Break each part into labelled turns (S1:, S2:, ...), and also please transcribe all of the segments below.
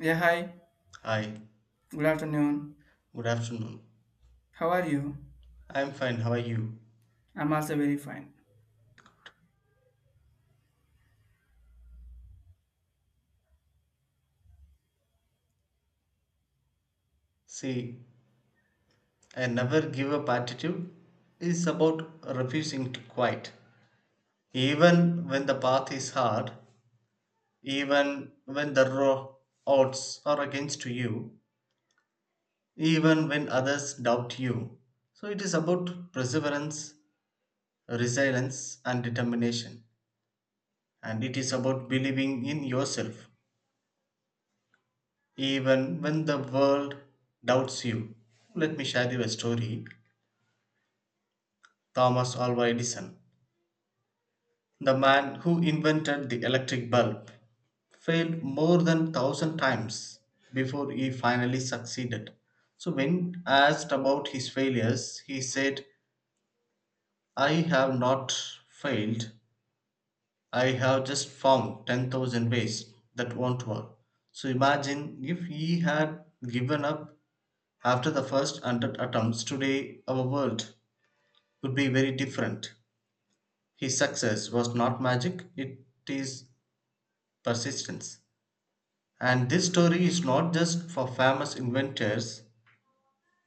S1: Yeah, hi.
S2: Hi,
S1: Good afternoon.
S2: good afternoon.
S1: How are you?
S2: I'm fine, how are you?
S1: I'm also very fine.
S2: See, I never give up attitude is about refusing to quit. Even when the path is hard, even when the raw odds are against you, even when others doubt you. So it is about perseverance, resilience, and determination. And it is about believing in yourself, even when the world doubts you. Let me share you a story. Thomas Alva Edison, the man who invented the electric bulb, failed more than 1000 times before he finally succeeded. So when asked about his failures, he said, "I have not failed. I have just found 10,000 ways that won't work." So imagine if he had given up after the first 100 attempts, today our world would be very different. His success was not magic, it is persistence. And this story is not just for famous inventors,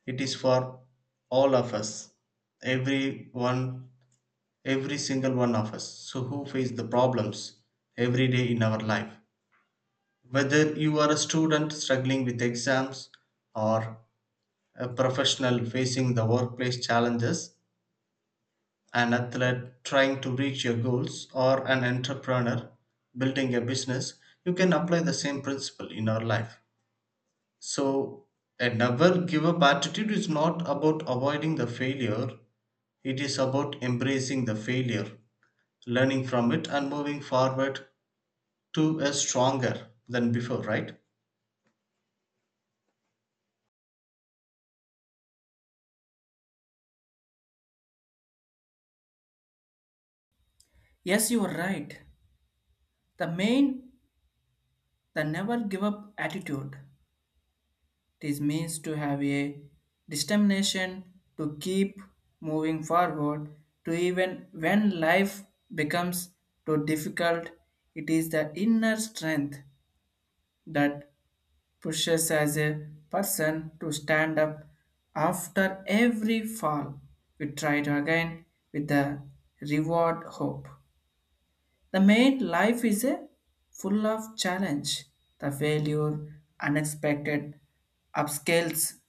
S2: it is for all of us, every one, every single one of us. So, who face the problems every day in our life? Whether you are a student struggling with exams, or a professional facing the workplace challenges, an athlete trying to reach your goals, or an entrepreneur building a business, you can apply the same principle in our life. So, a never give up attitude is not about avoiding the failure, it is about embracing the failure, learning from it, and moving forward to a stronger than before, right?
S1: Yes, you are right. The main, the never give up attitude. This means to have a determination to keep moving forward, to even when life becomes too difficult. It is the inner strength that pushes as a person to stand up after every fall. We try to again with the reward hope. The main life is a full of challenge, the failure, unexpected upscales,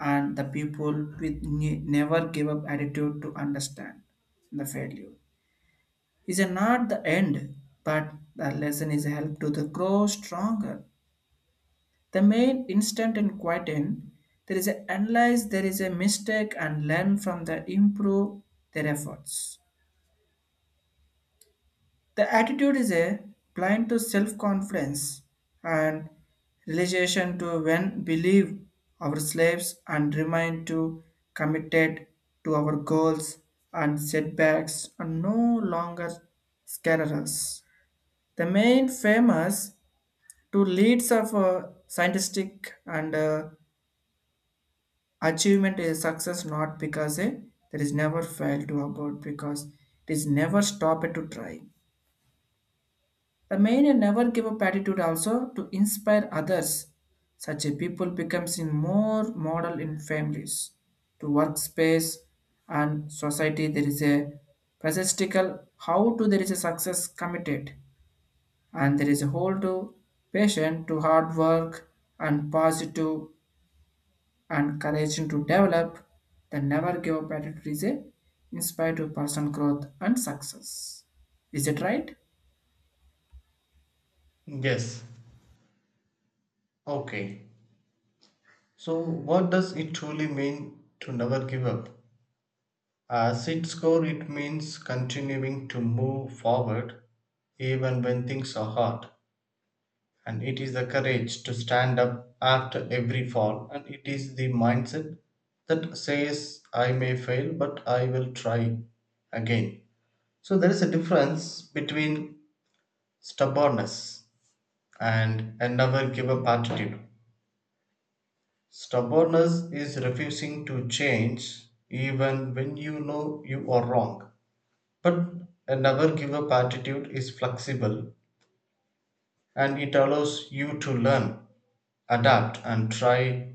S1: and the people with never give up attitude to understand the failure is not the end, but the lesson is help to the grow stronger the main instant in Quatin, there is a analyze there is a mistake and learn from the improve their efforts. The attitude is a blind to self-confidence and realization to when believe our slaves and remain to committed to our goals and setbacks are no longer scare us. The main famous two leads of scientific and achievement is success not because there is never fail to about because it is never stop it to try. The main and never give up attitude also to inspire others. Such a people becomes in more model in families, to workspace and society. There is a presentical how to there is a success committed and there is a whole to patient to hard work and positive and courage to develop, the never give up attitude is a inspire to personal growth and success. Is it right?
S2: Yes. Okay. So, what does it truly mean to never give up? As its core, it means continuing to move forward even when things are hard. And it is the courage to stand up after every fall. And it is the mindset that says, I may fail, but I will try again. So there is a difference between stubbornness and a never give up attitude. Stubbornness is refusing to change even when you know you are wrong. But a never give up attitude is flexible and it allows you to learn, adapt, and try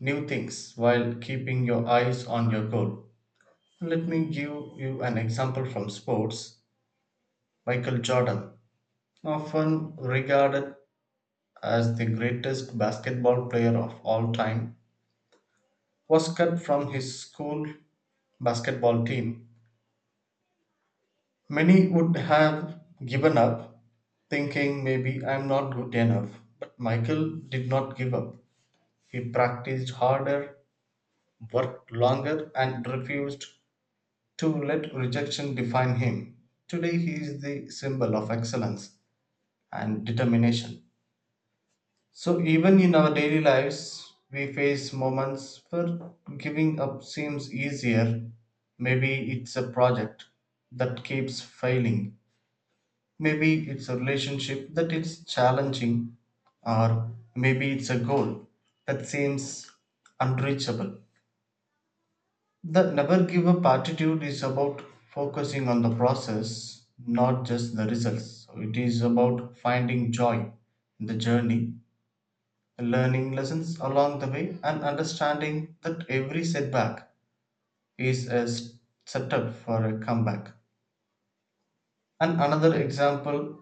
S2: new things while keeping your eyes on your goal. Let me give you an example from sports. Michael Jordan, often regarded as the greatest basketball player of all time, was cut from his school basketball team. Many would have given up, thinking maybe I'm not good enough. But Michael did not give up. He practiced harder, worked longer, and refused to let rejection define him. Today he is the symbol of excellence and determination. So, even in our daily lives, we face moments where giving up seems easier. Maybe it's a project that keeps failing, maybe it's a relationship that is challenging, or maybe it's a goal that seems unreachable. The never give up attitude is about focusing on the process, not just the results. So it is about finding joy in the journey, learning lessons along the way, and understanding that every setback is a setup for a comeback. And another example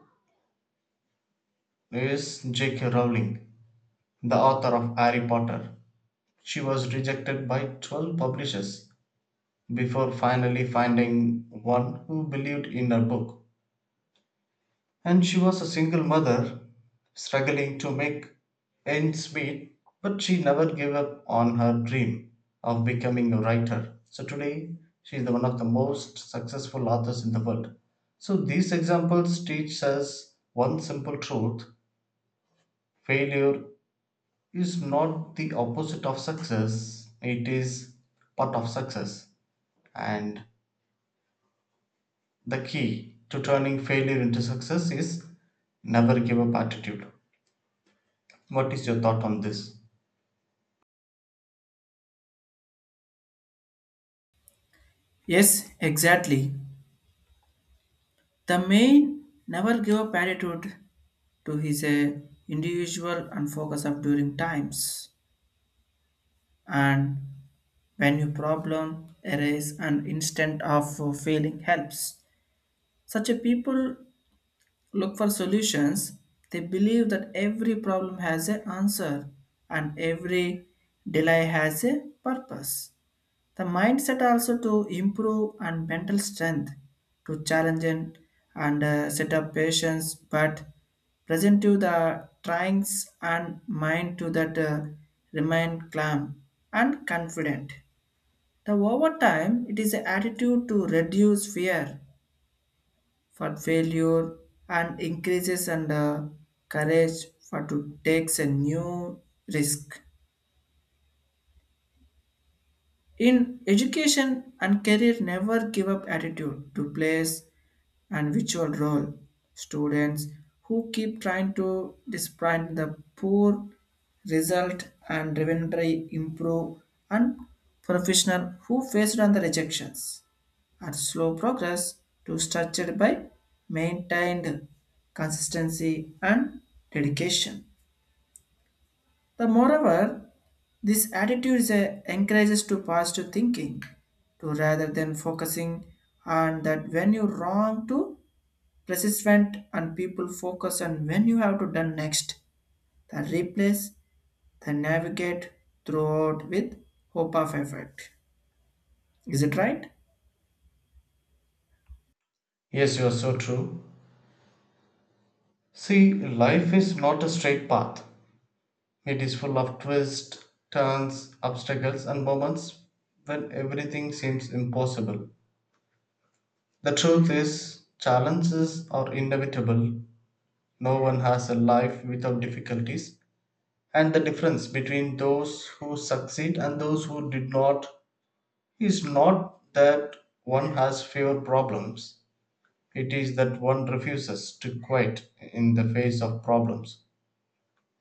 S2: is J.K. Rowling, the author of Harry Potter. She was rejected by 12 publishers before finally finding one who believed in her book. And she was a single mother, struggling to make ends meet, but she never gave up on her dream of becoming a writer. So today, she is the one of the most successful authors in the world. So these examples teach us one simple truth: failure is not the opposite of success, it is part of success. And the key to turning failure into success is never give up attitude. What is your thought on this?
S1: Yes, exactly. The main never give up attitude to his individual and focus of during times and when your problem arise and instant of failing helps. Such a people look for solutions. They believe that every problem has an answer and every delay has a purpose. The mindset also to improve and mental strength to challenge and set up patience, but present to the tryings and mind to that remain calm and confident. The over time, it is an attitude to reduce fear for failure and increases and courage for to takes a new risk in education and career never give up attitude to place and virtual role students who keep trying to despite the poor result and revenue improve and professional who faced on the rejections at slow progress to structured by maintained consistency and dedication. The moreover, this attitude encourages to positive thinking, to rather than focusing on that when you wrong to persistent and people focus on when you have to done next, the replace, the navigate throughout with hope of effort. Is it right?
S2: Yes, you are so true. See, life is not a straight path. It is full of twists, turns, obstacles, and moments when everything seems impossible. The truth is, challenges are inevitable. No one has a life without difficulties, and the difference between those who succeed and those who did not is not that one has fewer problems. It is that one refuses to quit in the face of problems.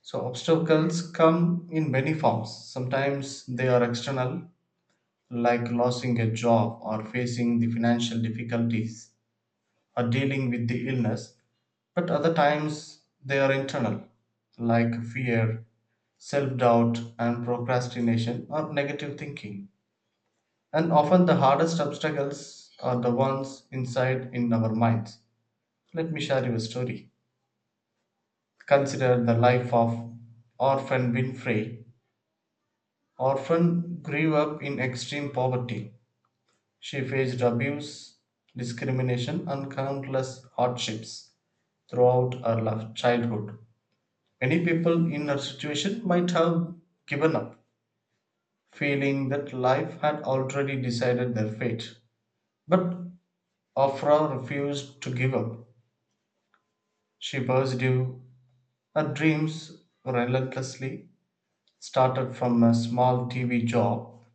S2: So, obstacles come in many forms. Sometimes they are external, like losing a job or facing the financial difficulties or dealing with the illness, but other times they are internal, like fear, self doubt, and procrastination or negative thinking. And often the hardest obstacles are the ones inside in our minds. Let me share you a story. Consider the life of Orphan Winfrey. Orphan grew up in extreme poverty. She faced abuse, discrimination, and countless hardships throughout her childhood. Many people in her situation might have given up, feeling that life had already decided their fate. But Afra refused to give up. She pursued her dreams relentlessly, started from a small TV job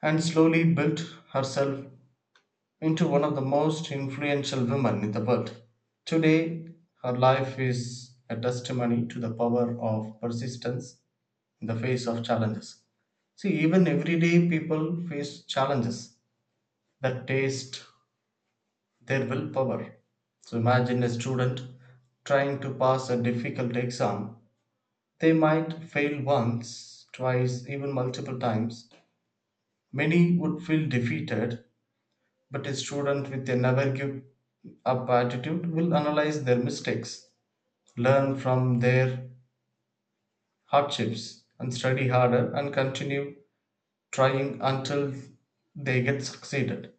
S2: and slowly built herself into one of the most influential women in the world. Today, her life is a testimony to the power of persistence in the face of challenges. See, even everyday people face challenges that test their willpower. So, imagine a student trying to pass a difficult exam. They might fail once, twice, even multiple times. Many would feel defeated. But a student with a never give up attitude will analyze their mistakes, learn from their hardships, and study harder and continue trying until they get succeeded.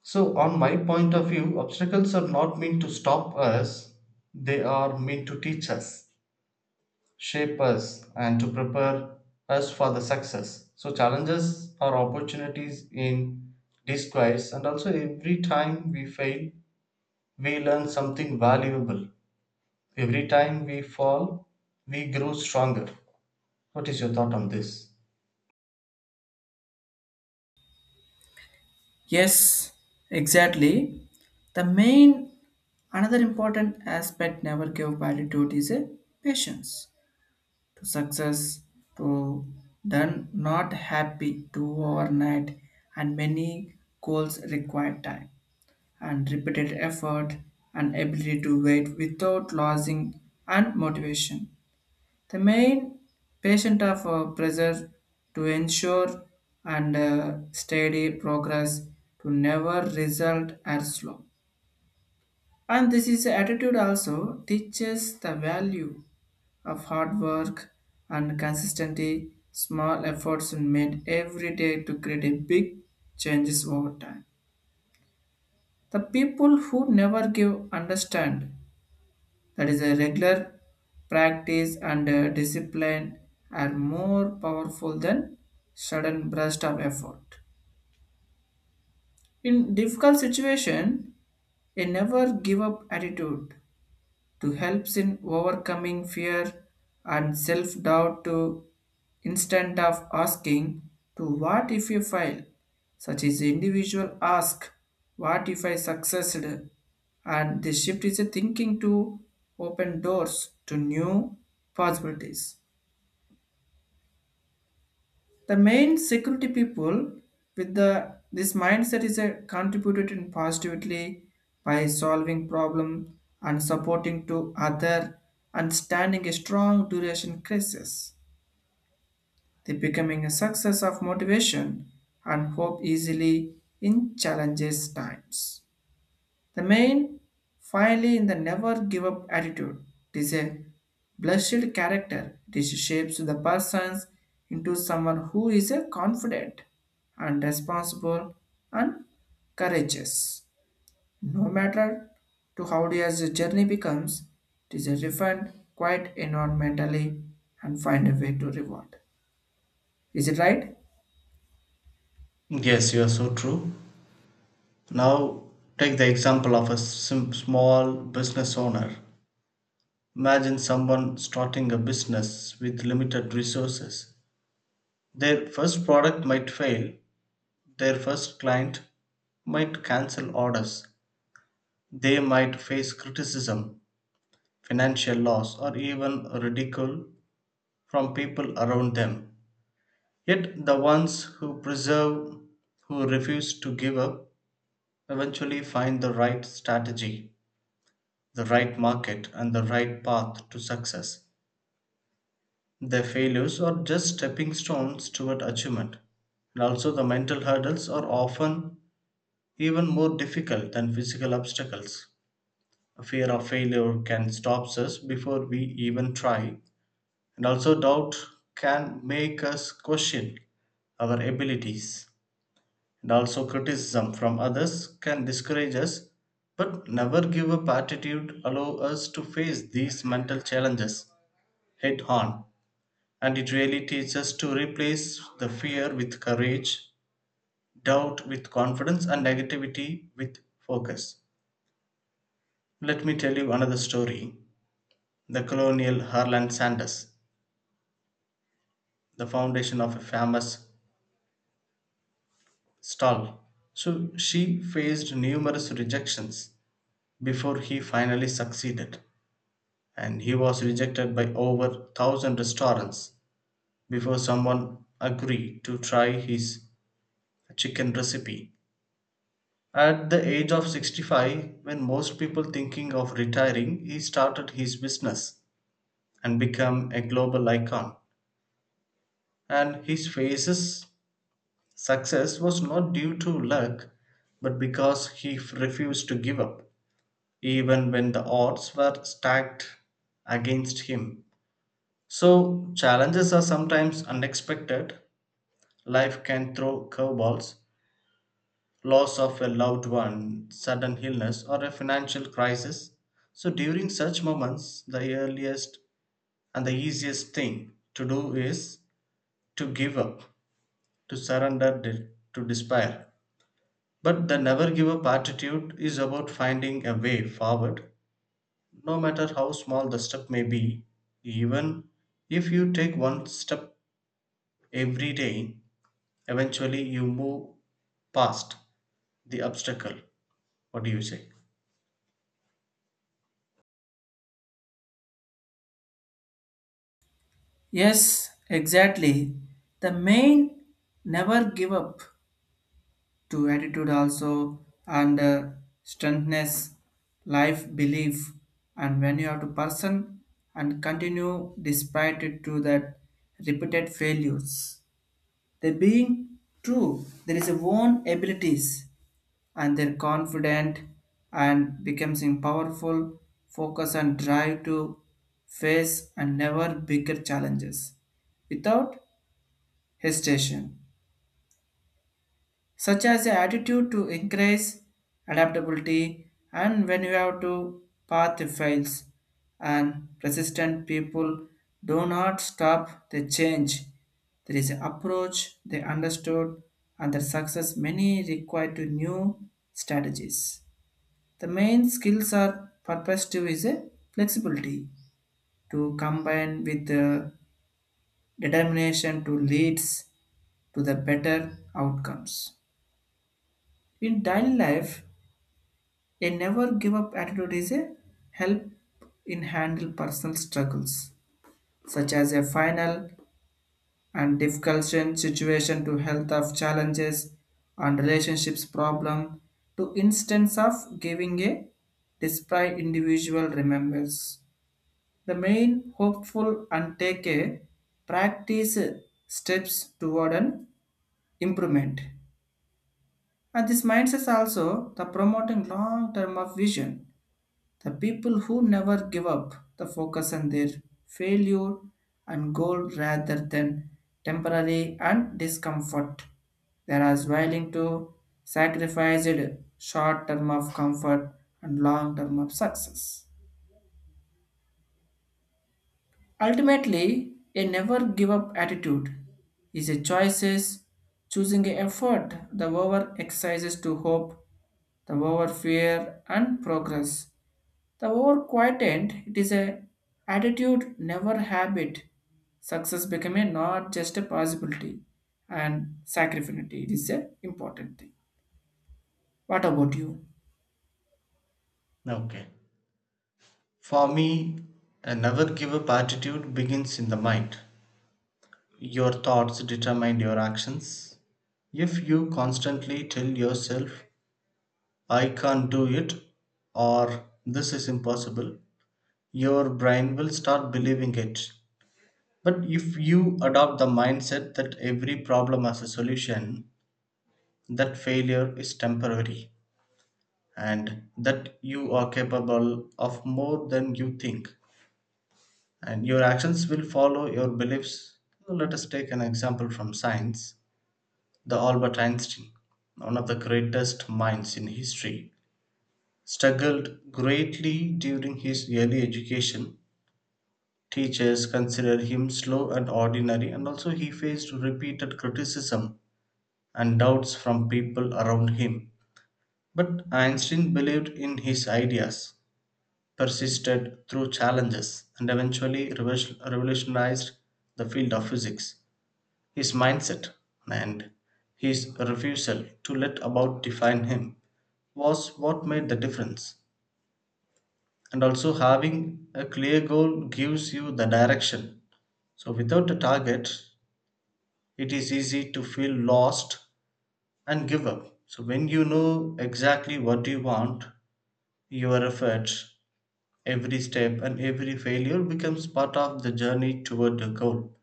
S2: So, on my point of view, obstacles are not meant to stop us, they are meant to teach us, shape us, and to prepare us for the success. So, challenges are opportunities in disguise, and also every time we fail, we learn something valuable. Every time we fall, we grow stronger. What is your thought on this?
S1: Yes, exactly. The main another important aspect never give validity is a patience to success to done not happy to overnight and many goals require time and repeated effort and ability to wait without losing and motivation the main patient of pressure to ensure and steady progress to never result or slow. And this is attitude also teaches the value of hard work and consistency. Small efforts made every day to create a big changes over time. The people who never give understand that is a regular practice and discipline are more powerful than sudden burst of effort. In difficult situation, a never give up attitude to helps in overcoming fear and self-doubt to instead of asking to what if you fail such as individual ask what if I succeeded and the shift is a thinking to open doors to new possibilities the main security people with the this mindset is a contributed in positively by solving problem and supporting to other and standing a strong duration crisis. They becoming a success of motivation and hope easily in challenges times. The main, finally, in the never give up attitude, it is a blushed character. It shapes the persons into someone who is a confident and responsible and courageous. No matter to how dear the journey becomes, it is a refined, quiet environmentally and find a way to reward. Is it right?
S2: Yes, you are so true. Now, take the example of a small business owner. Imagine someone starting a business with limited resources. Their first product might fail, their first client might cancel orders, they might face criticism, financial loss, or even ridicule from people around them. Yet the ones who preserve, who refuse to give up, eventually find the right strategy, the right market, and the right path to success. Their failures are just stepping stones toward achievement. And also, the mental hurdles are often even more difficult than physical obstacles. A fear of failure can stop us before we even try, and also, doubt can make us question our abilities. And also, criticism from others can discourage us, but never give up attitude allow us to face these mental challenges head on. And it really teaches us to replace the fear with courage, doubt with confidence, and negativity with focus. Let me tell you another story. The colonial Harland Sanders, the foundation of a famous stall. So she faced numerous rejections before he finally succeeded. And he was rejected by over 1000 restaurants before someone agreed to try his chicken recipe at the age of 65. When most people thinking of retiring, he started his business and became a global icon. And his face's success was not due to luck, but because he refused to give up even when the odds were stacked against him. So, challenges are sometimes unexpected. Life can throw curveballs, loss of a loved one, sudden illness, or a financial crisis. So, during such moments, the earliest and the easiest thing to do is to give up, to to despair. But the never give up attitude is about finding a way forward, no matter how small the step may be. Even if you take one step every day, eventually, you move past the obstacle. What do you say?
S1: Yes, exactly. The main never give up to attitude also and strengthness life belief and when you have to person and continue despite it to that repeated failures they being true there is a own abilities and they're confident and becomes in powerful focus and drive to face and never bigger challenges without hesitation such as the attitude to increase adaptability and when you have to path fails and persistent people do not stop the change there is an approach they understood and their success many require to new strategies the main skills are perspective is a flexibility to combine with the determination to leads to the better outcomes in daily life. A never give up attitude is a help in handle personal struggles, such as a final and difficult situation to health of challenges and relationships problem to instance of giving a display individual remembers. The main hopeful and take a practice steps toward an improvement. And this mindset also the promoting long term of vision the people who never give up the focus on their failure and goal rather than temporary and discomfort. They are as willing to sacrifice it short term of comfort and long term of success. Ultimately, a never give up attitude is a choices choosing a effort the over exercises to hope, the over fear and progress the over quietened, it is a attitude, never habit. Success became a not just a possibility and sacrifinity. It is a important thing. What about you?
S2: Okay. For me, a never give up attitude begins in the mind. Your thoughts determine your actions. If you constantly tell yourself, I can't do it, or this is impossible, your brain will start believing it. But if you adopt the mindset that every problem has a solution, that failure is temporary and that you are capable of more than you think, and your actions will follow your beliefs. So let us take an example from science. The Albert Einstein, one of the greatest minds in history, struggled greatly during his early education. Teachers considered him slow and ordinary, and also he faced repeated criticism and doubts from people around him. But Einstein believed in his ideas, persisted through challenges and eventually revolutionized the field of physics. His mindset and his refusal to let about define him was what made the difference. And also, having a clear goal gives you the direction. So, without a target, it is easy to feel lost and give up. So, when you know exactly what you want, your efforts. Every step and every failure becomes part of the journey toward the goal.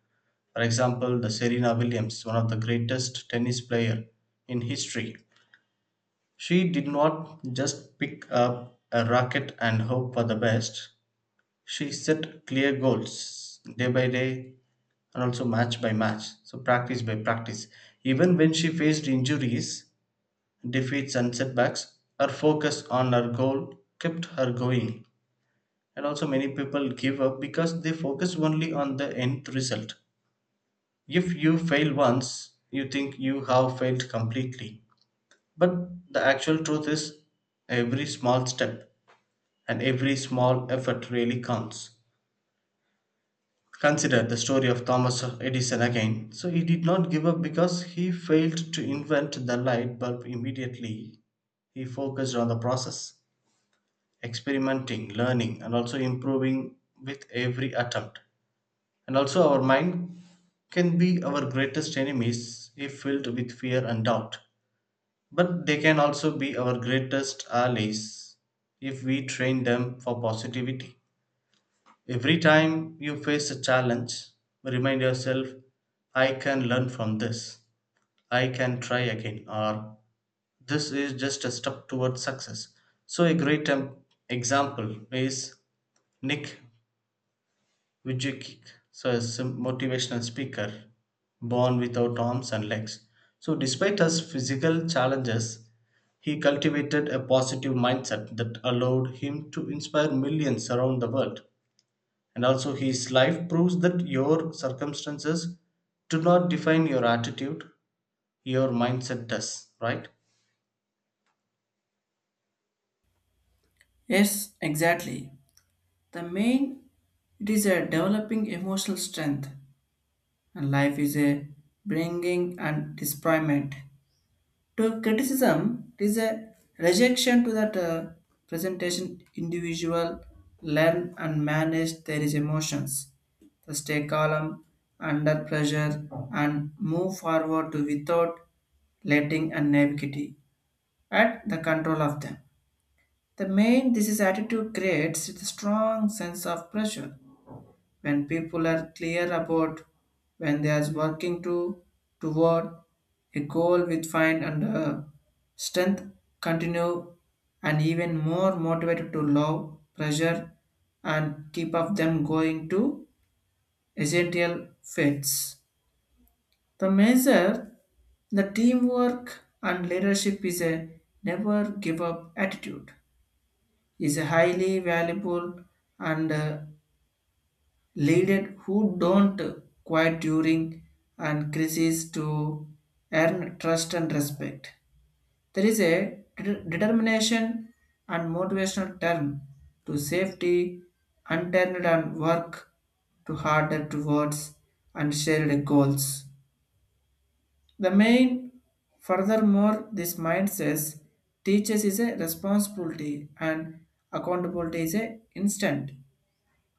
S2: For example, the Serena Williams, one of the greatest tennis player in history. She did not just pick up a racket and hope for the best. She set clear goals day by day and also match by match. So practice by practice. Even when she faced injuries, defeats and setbacks, her focus on her goal kept her going. And also many people give up because they focus only on the end result. If you fail once you think you have failed completely, but the actual truth is every small step and every small effort really counts. Consider the story of Thomas Edison again. So he did not give up because he failed to invent the light bulb immediately. He focused on the process, experimenting, learning and also improving with every attempt. And also, our mind can be our greatest enemies if filled with fear and doubt. But they can also be our greatest allies if we train them for positivity. Every time you face a challenge, remind yourself, I can learn from this, I can try again, or this is just a step towards success. So, a great example is Nick Vijay Kick, so a motivational speaker, born without arms and legs. So, despite his physical challenges, he cultivated a positive mindset that allowed him to inspire millions around the world. And also, his life proves that your circumstances do not define your attitude, your mindset does, right?
S1: Yes, exactly. The main it is a developing emotional strength and life is a bringing and disappointment. To criticism it is a rejection to that presentation individual learn and manage their emotions. To stay calm under pressure and move forward to without letting and naivety at the control of them. The main this is attitude creates a strong sense of pressure when people are clear about when they are working to toward a goal with find and strength continue and even more motivated to love pressure and keep up them going to essential fits the measure the teamwork and leadership is a never give up attitude is a highly valuable and leaders who don't quiet during and crises to earn trust and respect. There is a determination and motivational term to safety, unturned and work to harder towards and shared goals. The main, furthermore, this mindset teaches is a responsibility and accountability is a instant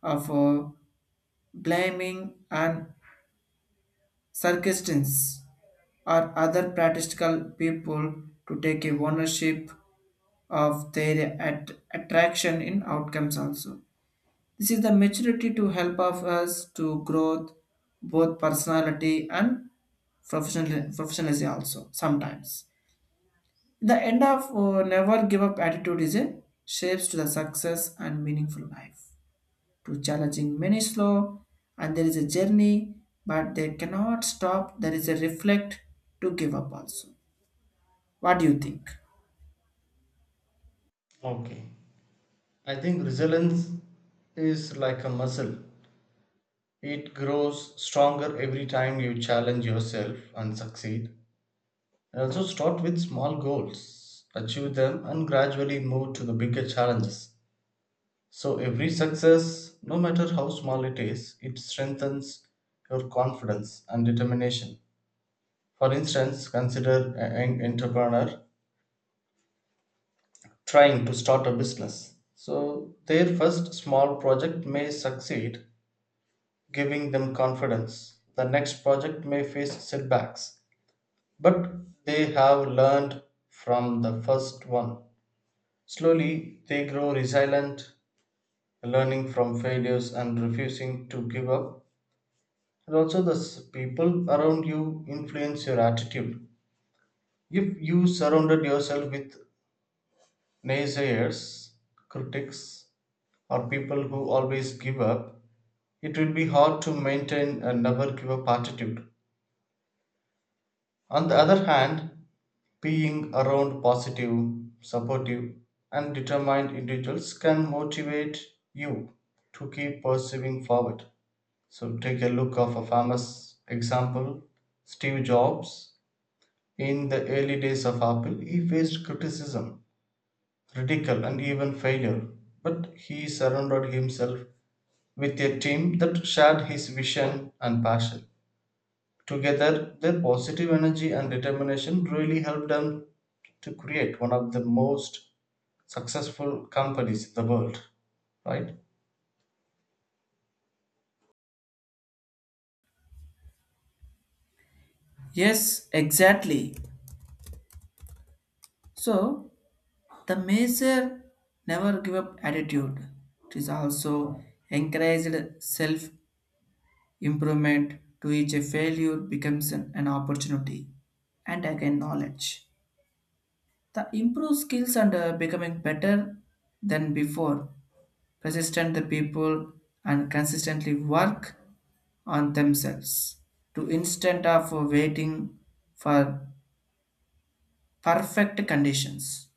S1: of blaming and Circustans or other practical people to take a ownership of their attraction in outcomes also. This is the maturity to help of us to growth both personality and professional professionalism also sometimes. The end of never give up attitude is a shapes to the success and meaningful life to challenging many slow and there is a journey but they cannot stop there is a reflect to give up also. What do you think?
S2: Okay. I think resilience is like a muscle. It grows stronger every time you challenge yourself and succeed. And also start with small goals, achieve them, and gradually move to the bigger challenges. So every success, no matter how small it is, it strengthens your confidence and determination. For instance, consider an entrepreneur trying to start a business. So their first small project may succeed, giving them confidence. The next project may face setbacks, but they have learned from the first one. Slowly, they grow resilient, learning from failures and refusing to give up. And also, the people around you influence your attitude. If you surrounded yourself with naysayers, critics, or people who always give up, it will be hard to maintain a never give up attitude. On the other hand, being around positive, supportive, and determined individuals can motivate you to keep pursuing forward. So take a look of a famous example, Steve Jobs. In the early days of Apple, he faced criticism, ridicule, and even failure. But he surrounded himself with a team that shared his vision and passion. Together, their positive energy and determination really helped them to create one of the most successful companies in the world, right?
S1: Yes, exactly. So the major never give up attitude it is also encouraged self improvement to each a failure becomes an opportunity and again knowledge the improve skills and becoming better than before persistent the people and consistently work on themselves to instead of waiting for perfect conditions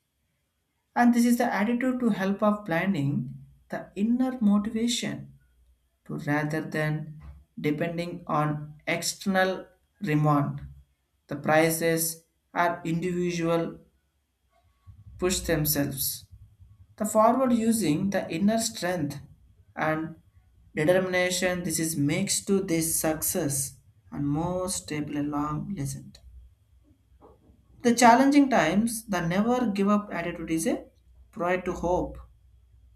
S1: and this is the attitude to help of planning the inner motivation to rather than depending on external remand the prices are individual push themselves the forward using the inner strength and determination this is makes to this success and more stable and long legend. The challenging times, the never give up attitude is a pride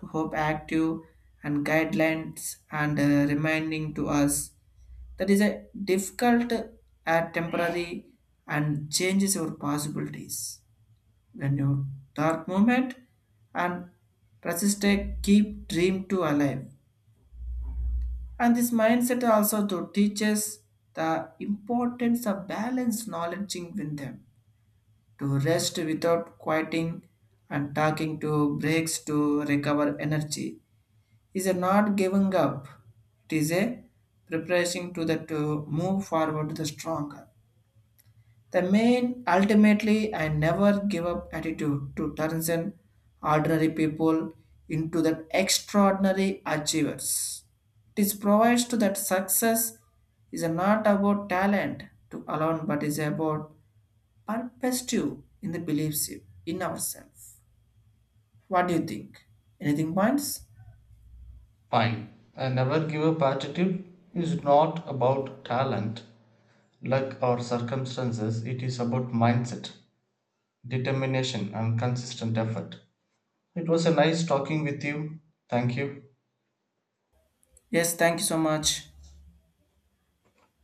S1: to hope active and guidelines and reminding to us that is a difficult at temporary and changes our possibilities. When you dark moment, and resist a keep dream to alive and this mindset also to teaches the importance of balance knowledge within them to rest without quieting and talking to breaks to recover energy is a not giving up it is a preparation to the to move forward to the stronger. The main ultimately I never give up attitude to turns in ordinary people into that extraordinary achievers. It is provides to that success is not about talent to alone but is about purpose too in the beliefs in ourselves. What do you think? Anything points?
S2: Fine. A never give up attitude is not about talent, luck, or circumstances, it is about mindset, determination, and consistent effort. It was a nice talking with you. Thank you.
S1: Yes, thank you so much.